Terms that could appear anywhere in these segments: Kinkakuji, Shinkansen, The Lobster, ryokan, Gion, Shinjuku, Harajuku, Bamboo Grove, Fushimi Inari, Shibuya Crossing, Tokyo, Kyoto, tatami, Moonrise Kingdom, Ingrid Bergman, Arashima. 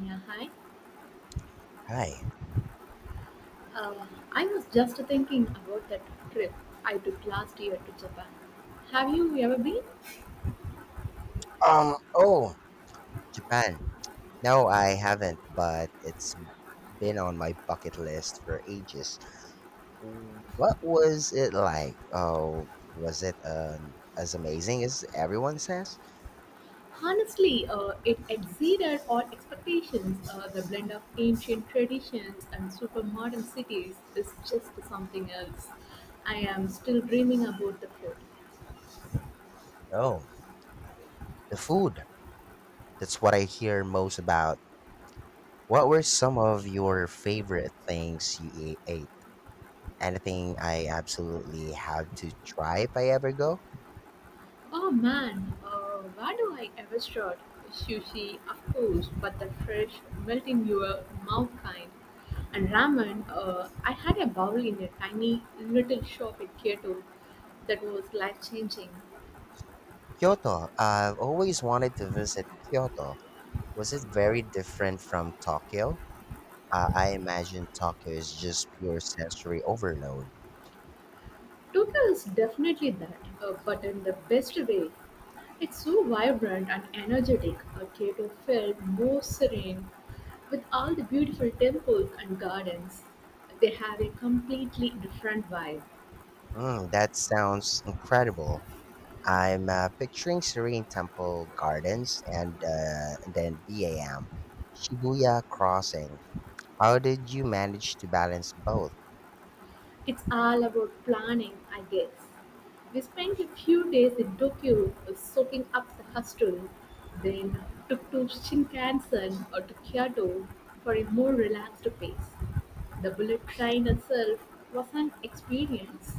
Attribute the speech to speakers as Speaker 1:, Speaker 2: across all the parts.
Speaker 1: Yeah, hi.
Speaker 2: Hi.
Speaker 1: Uh, I was just thinking about that trip I took last year to Japan. Have you ever been?
Speaker 2: Oh, Japan. No, I haven't, but it's been on my bucket list for ages. What was it like? Oh, was it as amazing as everyone says?
Speaker 1: Honestly, it exceeded all expectations. The blend of ancient traditions and super modern cities is just something else. I am still dreaming about the food.
Speaker 2: Oh, the food. That's what I hear most about. What were some of your favorite things you ate? Anything I absolutely have to try if I ever go?
Speaker 1: Oh man, where do I ever start? Sushi, of course, but the fresh, melt in your mouth kind. And ramen, I had a bowl in a tiny little shop in Kyoto that was life changing.
Speaker 2: Kyoto. I've always wanted to visit Kyoto. Was it very different from Tokyo? I imagine Tokyo is just pure sensory overload.
Speaker 1: Tokyo is definitely that, but in the best way. It's so vibrant and energetic. Kyoto felt more serene with all the beautiful temples and gardens. They have a completely different vibe.
Speaker 2: Mm, that sounds incredible. I'm picturing serene temple gardens and then BAM, Shibuya Crossing. How did you manage to balance both?
Speaker 1: It's all about planning, I guess. We spent a few days in Tokyo soaking up the hustle, then took to Shinkansen or to Kyoto for a more relaxed pace. The bullet train itself was an experience.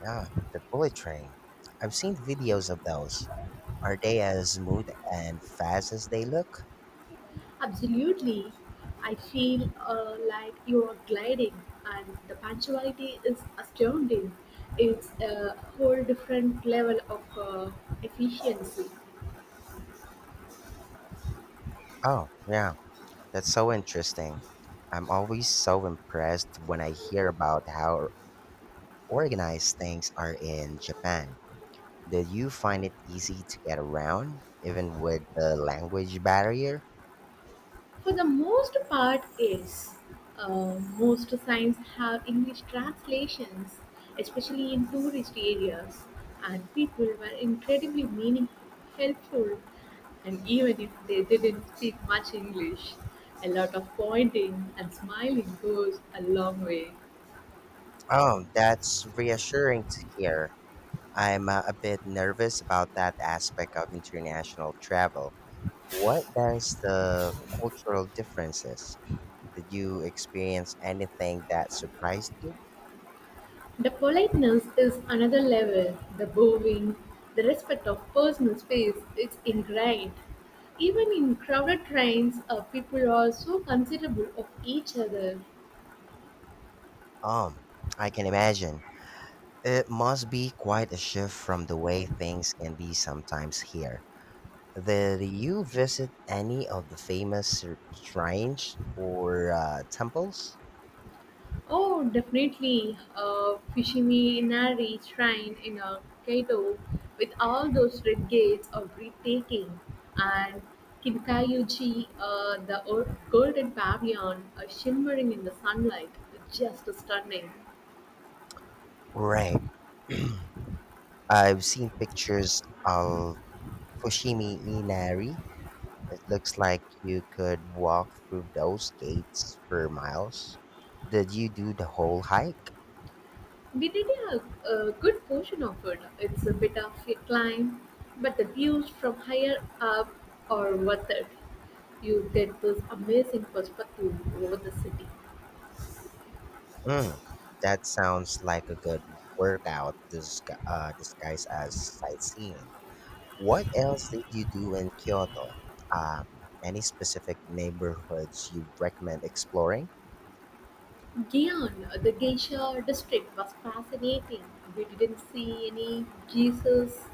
Speaker 2: Yeah, the bullet train. I've seen videos of those. Are they as smooth and fast as they look?
Speaker 1: Absolutely, I feel like you are gliding, and the punctuality is astounding. It's a whole different level of efficiency.
Speaker 2: Oh, yeah. That's so interesting. I'm always so impressed when I hear about how organized things are in Japan. Did you find it easy to get around, even with the language barrier?
Speaker 1: For the most part, yes. Most signs have English translations, especially in tourist areas, and people were incredibly meaningful, helpful, and even if they didn't speak much English, a lot of pointing and smiling goes a long way.
Speaker 2: Oh, that's reassuring to hear. I'm a bit nervous about that aspect of international travel. What does the cultural differences? Did you experience anything that surprised you?
Speaker 1: The politeness is another level, the bowing, the respect of personal space, it's ingrained. Even in crowded trains, people are so considerable of each other.
Speaker 2: Um, I can imagine. It must be quite a shift from the way things can be sometimes here. Did you visit any of the famous shrines or temples?
Speaker 1: Oh, definitely, Fushimi Inari Shrine in Kaito with all those red gates are breathtaking. And Kinkayuji, golden pavilion, shimmering in the sunlight, just stunning.
Speaker 2: Right. I've seen pictures of Fushimi Inari. It looks like you could walk through those gates for miles. Did you do the whole hike?
Speaker 1: We did a good portion of it. It's a bit of a climb, but the views from higher up are worth it. You get this amazing perspective over the city.
Speaker 2: Mm, that sounds like a good workout disguised as sightseeing. What else did you do in Kyoto? Any specific neighborhoods you recommend exploring?
Speaker 1: Gion, the geisha district, was fascinating. We didn't see any geishas,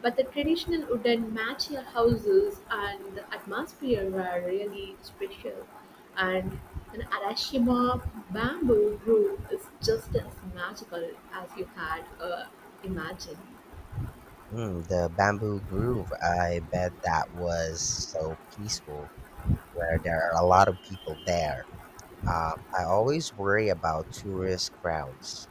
Speaker 1: but the traditional wooden matcha houses and the atmosphere were really special. And an Arashima bamboo grove is just as magical as you had imagined.
Speaker 2: Mm, the Bamboo Grove, I bet that was so peaceful, where there are a lot of people there. Um, I always worry about tourist crowds.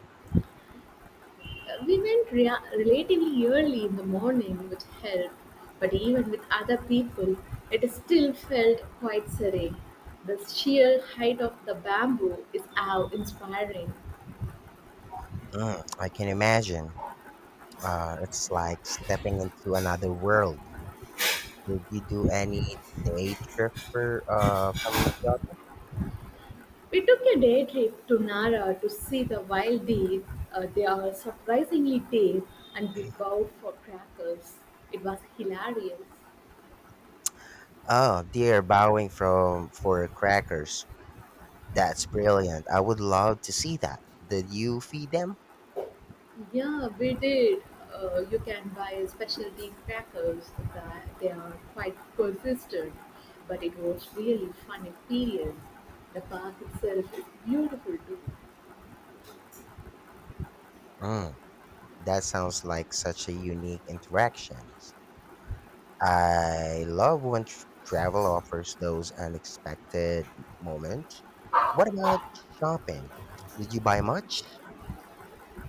Speaker 1: We went relatively early in the morning, which helped, but even with other people, it still felt quite serene. The sheer height of the bamboo is awe inspiring.
Speaker 2: Mm, I can imagine. It's like stepping into another world. Did you do any day trip for from club?
Speaker 1: We took a day trip to Nara to see the wild deer. They are surprisingly tame, and we bowed for crackers. It was hilarious.
Speaker 2: Oh, dear, bowing from for crackers. That's brilliant. I would love to see that. Did you feed them?
Speaker 1: Yeah, we did. You can buy specialty crackers that they are quite persistent, but it was really fun experience. The park itself is beautiful too.
Speaker 2: Mm. That sounds like such a unique interaction. I love when travel offers those unexpected moments. What about shopping? Did you buy much?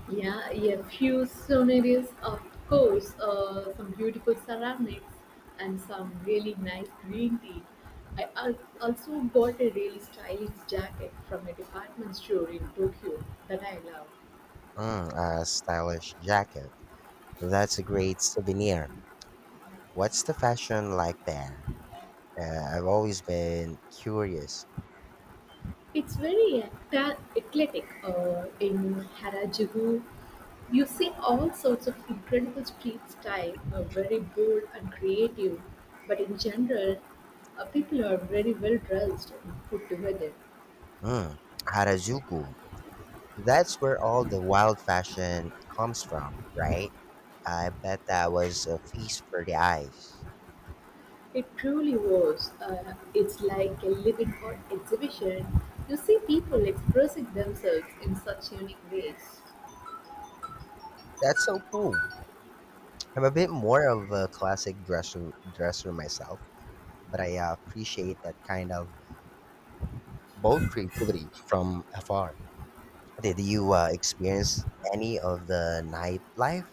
Speaker 1: Yeah, a few souvenirs, of course, some beautiful ceramics and some really nice green tea. I also got a really stylish jacket from a department store in Tokyo that I love.
Speaker 2: Mm, a stylish jacket. That's a great souvenir. What's the fashion like there? I've always been curious.
Speaker 1: It's very eclectic. In Harajuku, you see all sorts of incredible street style, very bold and creative. But in general, people are very well dressed and put together.
Speaker 2: Hmm, Harajuku. That's where all the wild fashion comes from, right? I bet that was a feast for the eyes.
Speaker 1: It truly was. It's like a living art exhibition. You see people expressing themselves in such unique ways.
Speaker 2: That's so cool. I'm a bit more of a classic dresser myself, but I appreciate that kind of bold creativity from afar. Did you experience any of the nightlife?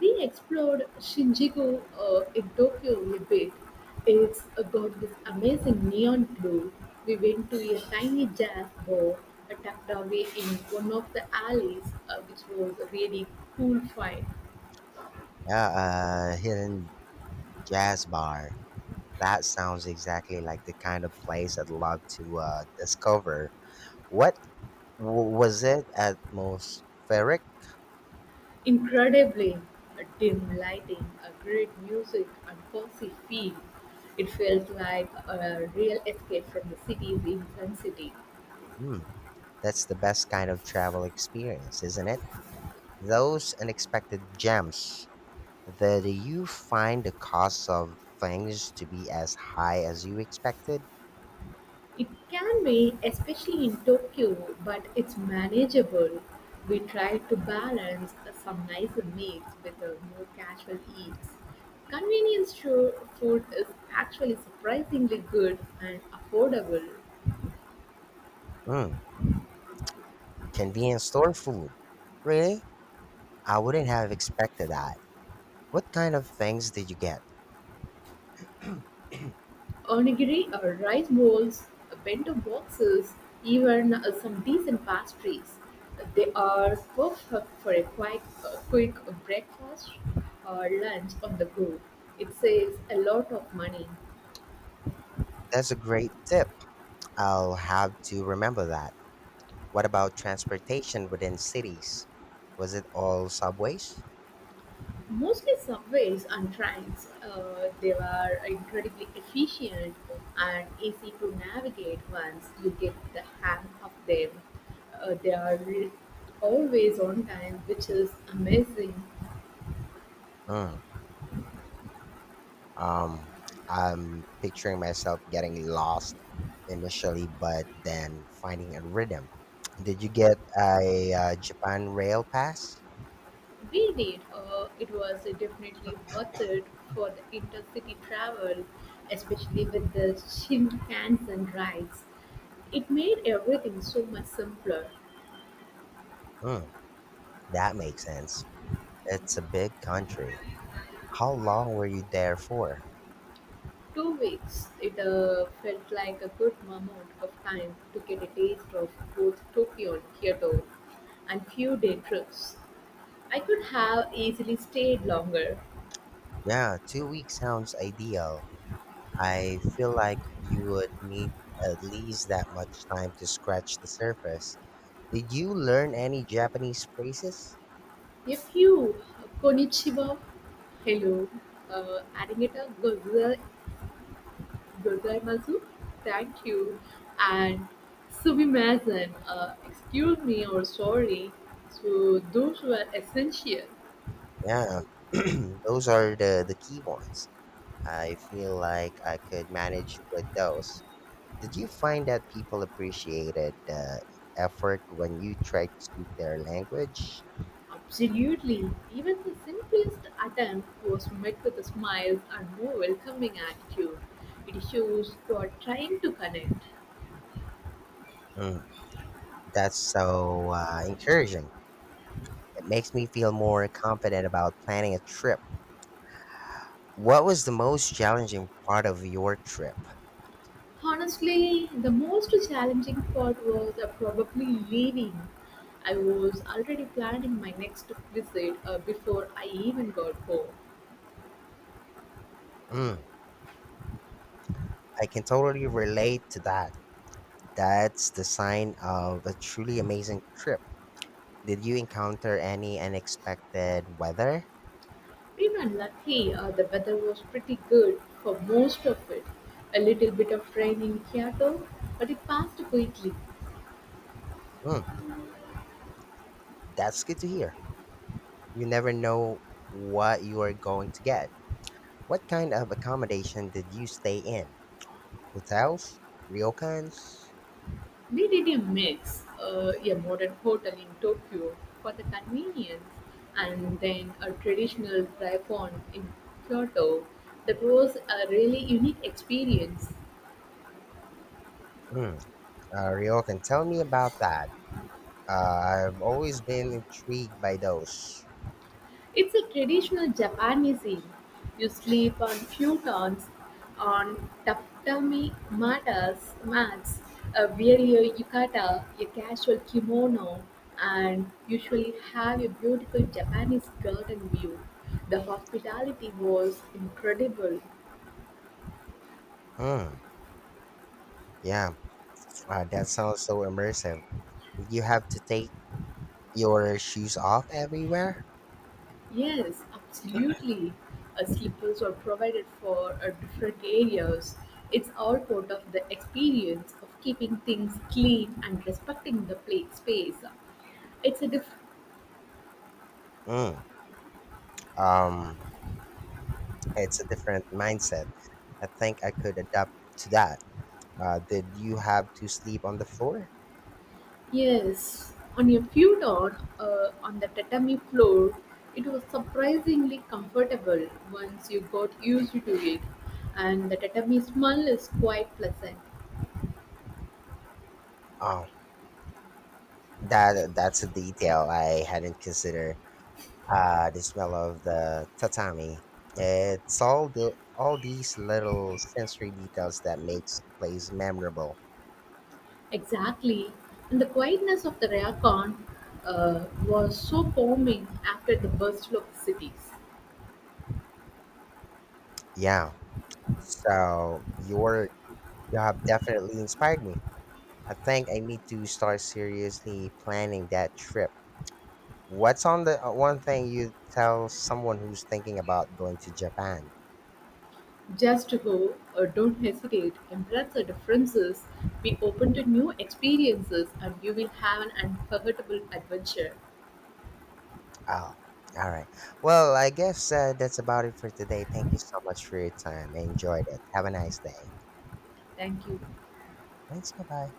Speaker 1: We explored Shinjuku in Tokyo a bit. It's got this amazing neon glow. We went to a tiny jazz bar tucked away in one of the alleys, which was a really cool find.
Speaker 2: Yeah, hidden jazz bar. That sounds exactly like the kind of place I'd love to discover. What was it atmospheric?
Speaker 1: Incredibly dim lighting, a great music, and cozy feel. It felt like a real escape from the city's intensity.
Speaker 2: Hmm, that's the best kind of travel experience, isn't it? Those unexpected gems. Did you find the cost of things to be as high as you expected?
Speaker 1: It can be, especially in Tokyo, but it's manageable. We try to balance some nicer meals with more casual eats. Convenience store food is actually surprisingly good and affordable.
Speaker 2: Mm, convenience store food. Really? I wouldn't have expected that. What kind of things did you get?
Speaker 1: Onigiri or rice bowls, bento boxes, even some decent pastries. They are perfect for a quick breakfast or lunch on the go. It saves a lot of money.
Speaker 2: That's a great tip. I'll have to remember that. What about transportation within cities? Was it all subways?
Speaker 1: Mostly subways and trains. They were incredibly efficient and easy to navigate once you get the hang of them. They are always on time, which is amazing.
Speaker 2: Mm. Um, I'm picturing myself getting lost initially, but then finding a rhythm. Did you get a Japan rail pass?
Speaker 1: We did. It was definitely worth it for the intercity travel, especially with the Shinkansen rides. It made everything so much simpler.
Speaker 2: Mm, that makes sense. It's a big country. How long were you there for?
Speaker 1: 2 weeks, it felt like a good amount of time to get a taste of both Tokyo and Kyoto and few day trips. I could have easily stayed longer.
Speaker 2: Yeah, 2 weeks sounds ideal. I feel like you would need at least that much time to scratch the surface. Did you learn any Japanese phrases?
Speaker 1: A few konnichiwa, hello, uh, arigato gozai- gozaimasu, thank you, and sumimasen, excuse me or sorry. So those were essential.
Speaker 2: Yeah, those are the key ones. I feel like I could manage with those. Did you find that people appreciated the effort when you tried to speak their language?
Speaker 1: Absolutely. Even the simplest attempt was met with a smile and more welcoming attitude. It shows you are trying to connect.
Speaker 2: Mm, that's so encouraging. It makes me feel more confident about planning a trip. What was the most challenging part of your trip?
Speaker 1: Honestly, the most challenging part was probably leaving. I was already planning my next visit before I even got home.
Speaker 2: Mm, I can totally relate to that. That's the sign of a truly amazing trip. Did you encounter any unexpected weather?
Speaker 1: We were lucky the weather was pretty good for most of it. A little bit of rain in Kyoto, but it passed quickly.
Speaker 2: Mm, that's good to hear. You never know what you are going to get. What kind of accommodation did you stay in? Hotels? Ryokans?
Speaker 1: DDT makes a modern hotel in Tokyo for the convenience, and then a traditional daikon in Kyoto. That was a really unique experience.
Speaker 2: Mm, ryokan, tell me about that. Uh, I've always been intrigued by those.
Speaker 1: It's a traditional Japanese inn. You sleep on futons, on tatami matas, mats, wear your yukata, a casual kimono, and usually have a beautiful Japanese garden view. The hospitality was incredible.
Speaker 2: Mm, yeah, that sounds so immersive. Did you have to take your shoes off everywhere?
Speaker 1: Yes, absolutely. Slippers are provided for different areas. It's all part of the experience of keeping things clean and respecting the play space. It's a diff-
Speaker 2: Mm, um, it's a different mindset. I think I could adapt to that. Did you have to sleep on the floor?
Speaker 1: yes. On a few dawn on the tatami floor, it was surprisingly comfortable once you got used to it, and the tatami smell is quite pleasant.
Speaker 2: Oh, that's a detail I hadn't considered. The smell of the tatami. It's all the all these little sensory details that makes place memorable.
Speaker 1: Exactly. And the quietness of the Rayacon was so calming after the bustle of the cities.
Speaker 2: Yeah. So your You have definitely inspired me. I think I need to start seriously planning that trip. What's on the one thing you tell someone who's thinking about going to Japan?
Speaker 1: Just go, or don't hesitate, embrace the differences, be open to new experiences, and you will have an unforgettable adventure.
Speaker 2: Oh, all right. Well, I guess that's about it for today. Thank you so much for your time. I enjoyed it. Have a nice day.
Speaker 1: Thank you.
Speaker 2: Thanks. Bye bye.